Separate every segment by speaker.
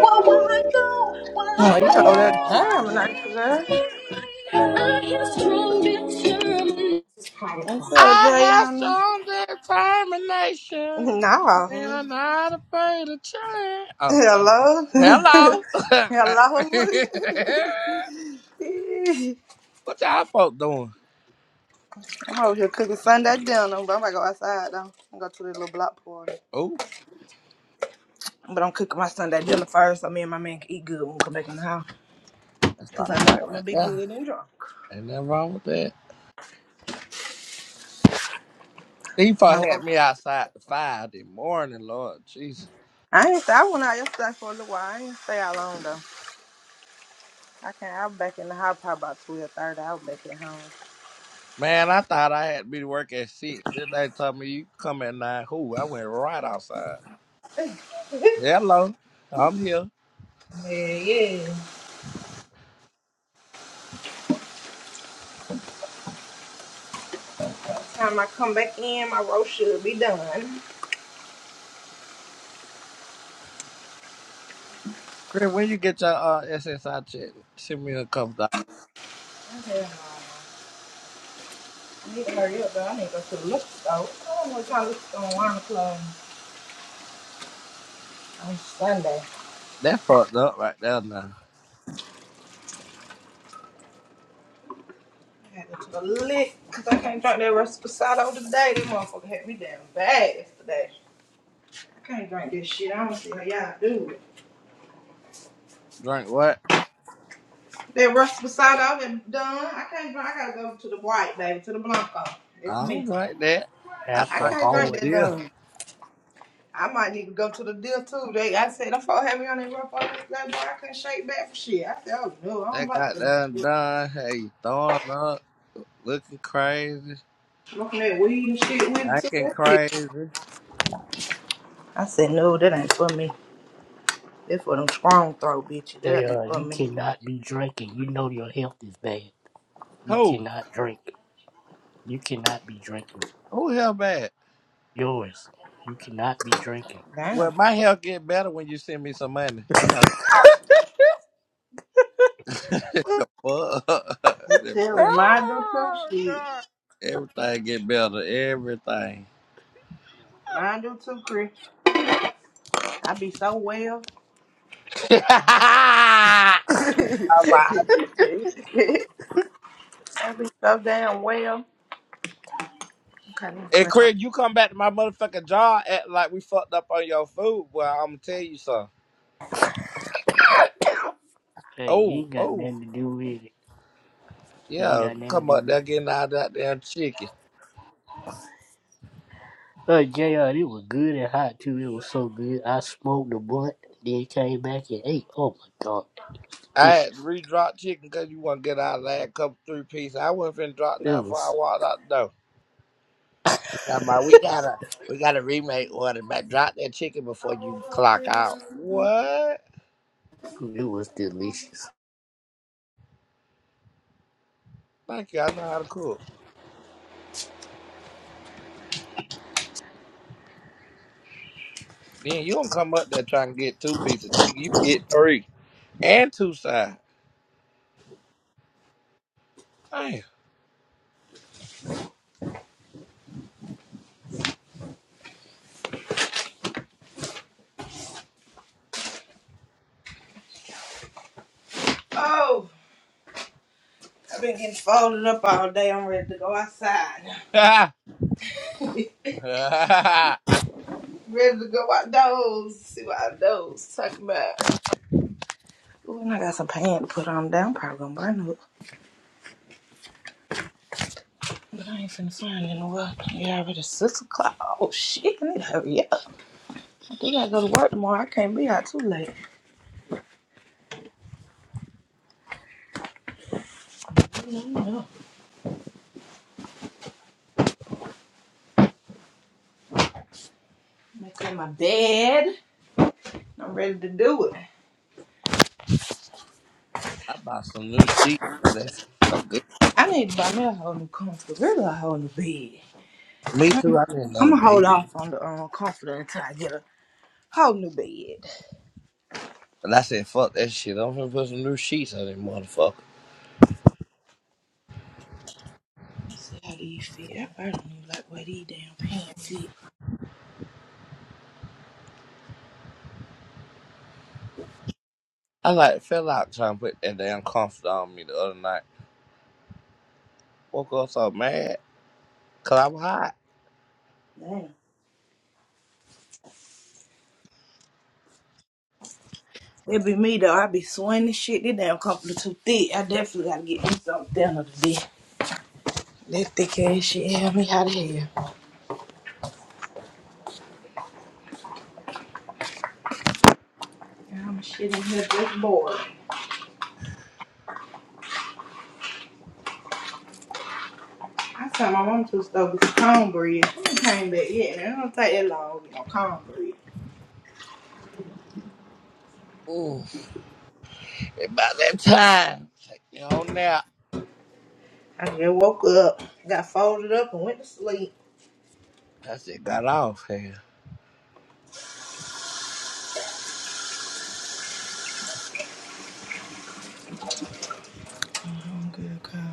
Speaker 1: Well, will I go, while I
Speaker 2: Oh, you told that damn
Speaker 1: was
Speaker 2: not girl.
Speaker 1: head on me, I have strong determination.
Speaker 2: What's up,
Speaker 3: I have
Speaker 2: Jayana?
Speaker 3: some determination, and
Speaker 2: No.
Speaker 3: I'm not afraid of change. Oh,
Speaker 2: Hello?
Speaker 3: hello.
Speaker 2: Hello?
Speaker 3: what y'all folk doing?
Speaker 2: I'm over here cooking Sunday dinner, but I'm gonna go outside though. I'm gonna go to the little block party.
Speaker 3: Oh,
Speaker 2: But I'm cooking my Sunday dinner first so me and my man can eat good when we come back in the house.
Speaker 3: that's
Speaker 2: Cause I
Speaker 3: all
Speaker 2: know
Speaker 3: right
Speaker 2: I'm gonna
Speaker 3: right
Speaker 2: be
Speaker 3: now.
Speaker 2: good and drunk.
Speaker 3: Ain't nothing wrong with that. These
Speaker 2: My
Speaker 3: folk had
Speaker 2: work-
Speaker 3: me outside the five this morning, Lord Jesus.
Speaker 2: I ain't stay. I went out yesterday for a little while. I ain't stay out long though. I can't I was back in the house probably about two or thirty. I was back at home.
Speaker 3: Man, I thought I had to be to work at six. Then they told me you come at nine. Who? I went right outside. Hello, I'm here.
Speaker 2: Yeah, yeah. time I come back in, my roast should be done. I
Speaker 3: Chris, when you get your uh, SSI check, send me a couple dollars.
Speaker 2: no. I need to hurry up, though. I need to go to the liquor store. I don't know what time it's going to club on Sunday.
Speaker 3: That fucked up right there now.
Speaker 2: I had to go to the lick because I can't drink that rest Pasado today. This motherfucker had me damn bad yesterday. I can't drink this shit. I don't see how y'all do it.
Speaker 3: Drink what?
Speaker 2: That rest Pasado that done. I can't drink. I gotta go to the white, baby, to the Blanco. That's
Speaker 3: I don't
Speaker 2: me.
Speaker 3: drink that. I
Speaker 2: I
Speaker 3: drink
Speaker 2: can't drink
Speaker 4: alcohol
Speaker 3: that
Speaker 4: in
Speaker 2: that
Speaker 3: deer.
Speaker 2: done. I might need to go to the deal too. They, I said, them folk had me on that rough on this day, boy. I couldn't shake back for shit. I said, oh no, I don't
Speaker 3: That
Speaker 2: like
Speaker 3: got
Speaker 2: this.
Speaker 3: done
Speaker 2: shit.
Speaker 3: done. Hey, throwing up, looking crazy,
Speaker 2: Smoking that weed and shit with it too.
Speaker 3: acting
Speaker 2: That shit.
Speaker 3: crazy.
Speaker 2: I said, no, that ain't for me. That's for them strong throw bitches. That ain't
Speaker 4: jail.
Speaker 2: for
Speaker 4: You
Speaker 2: me.
Speaker 4: cannot be drinking. You know your health is bad. You
Speaker 3: Who?
Speaker 4: cannot drink. You cannot be drinking.
Speaker 3: Who hell bad?
Speaker 4: Yours. You cannot be drinking.
Speaker 3: Well,
Speaker 2: Damn.
Speaker 3: my health get better when you send me some money. Hello. so fuck.
Speaker 2: No
Speaker 3: The fuck.
Speaker 2: telling. Mine do too,
Speaker 4: Oh,
Speaker 2: shit.
Speaker 4: God.
Speaker 3: Everything get better. Everything.
Speaker 2: Mine do too, Chris. I be so well.
Speaker 3: I'm like, I be good.
Speaker 2: I be so damn well. Okay, let me
Speaker 3: And
Speaker 2: clean up.
Speaker 3: Craig, you come back to my motherfucking job, act like we fucked up on your food, Well, I'm gonna tell you something.
Speaker 4: Hey, you
Speaker 3: Oh,
Speaker 4: ain't got
Speaker 3: oh,
Speaker 4: nothing to do with it. You ain't
Speaker 3: yeah,
Speaker 4: got nothing to
Speaker 3: come up
Speaker 4: do
Speaker 3: there getting out of that damn chicken.
Speaker 4: with it. Uh, JR, it was good and hot too. It was so good. I smoked a blunt, then came back and ate. Oh my god,
Speaker 3: I had to
Speaker 4: delicious.
Speaker 3: re-drop chicken because you want to get out of that couple three pieces. I wasn't finna drop
Speaker 4: It
Speaker 3: nothing before I
Speaker 4: was,
Speaker 3: walked out the door. She talking about we gotta we gotta remake order, but drop that chicken before you clock out. What?
Speaker 4: it was delicious.
Speaker 3: Thank you. I know how to cook. Then you don't come up there trying to get two pieces of chicken. You get three and two sides.
Speaker 2: Oh, I've been getting folded up all day. I'm ready to go outside.
Speaker 3: Damn.
Speaker 2: Ready to go out those. See what I those talking about. Ooh, and I got some pants to put on down. I'm probably gonna burn it. But I ain't finna find it in the world. Yeah, already six o'clock. Oh shit, I need to hurry up. I do gotta go to work tomorrow. I can't be out too late. No, no. Make up my bed. I'm ready to do it.
Speaker 3: I bought some new sheets and they smell good.
Speaker 2: I need to buy me a whole new comfort. Really a whole new bed.
Speaker 3: Me too. I need another
Speaker 2: I'ma hold
Speaker 3: bed,
Speaker 2: off on the um comforter until I get a whole new bed.
Speaker 3: but I said fuck that shit. I'm gonna put some new sheets on this motherfucker.
Speaker 2: Let's see how these fit. I probably don't even like where these damn pants fit.
Speaker 3: I like fell out trying to put that damn comfort on me the other night. Woke up so mad cause I was hot.
Speaker 2: Damn. That be me though. I be swinging this shit. This damn company too thick. I definitely gotta get me something thinner today. That thick ass shit help me out of here. I'm shit in here just bored. I sent my mom to the store with some cornbread. I ain't came back yet. Now it don't take that long to get no cornbread.
Speaker 3: Ooh, about that time, take me on nap.
Speaker 2: I just woke up, got folded up, and went to sleep.
Speaker 3: I said got off here.
Speaker 2: Oh, good God.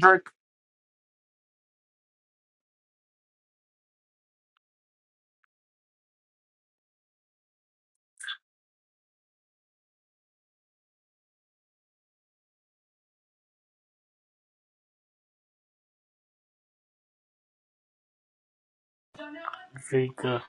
Speaker 5: her
Speaker 4: Drink uh,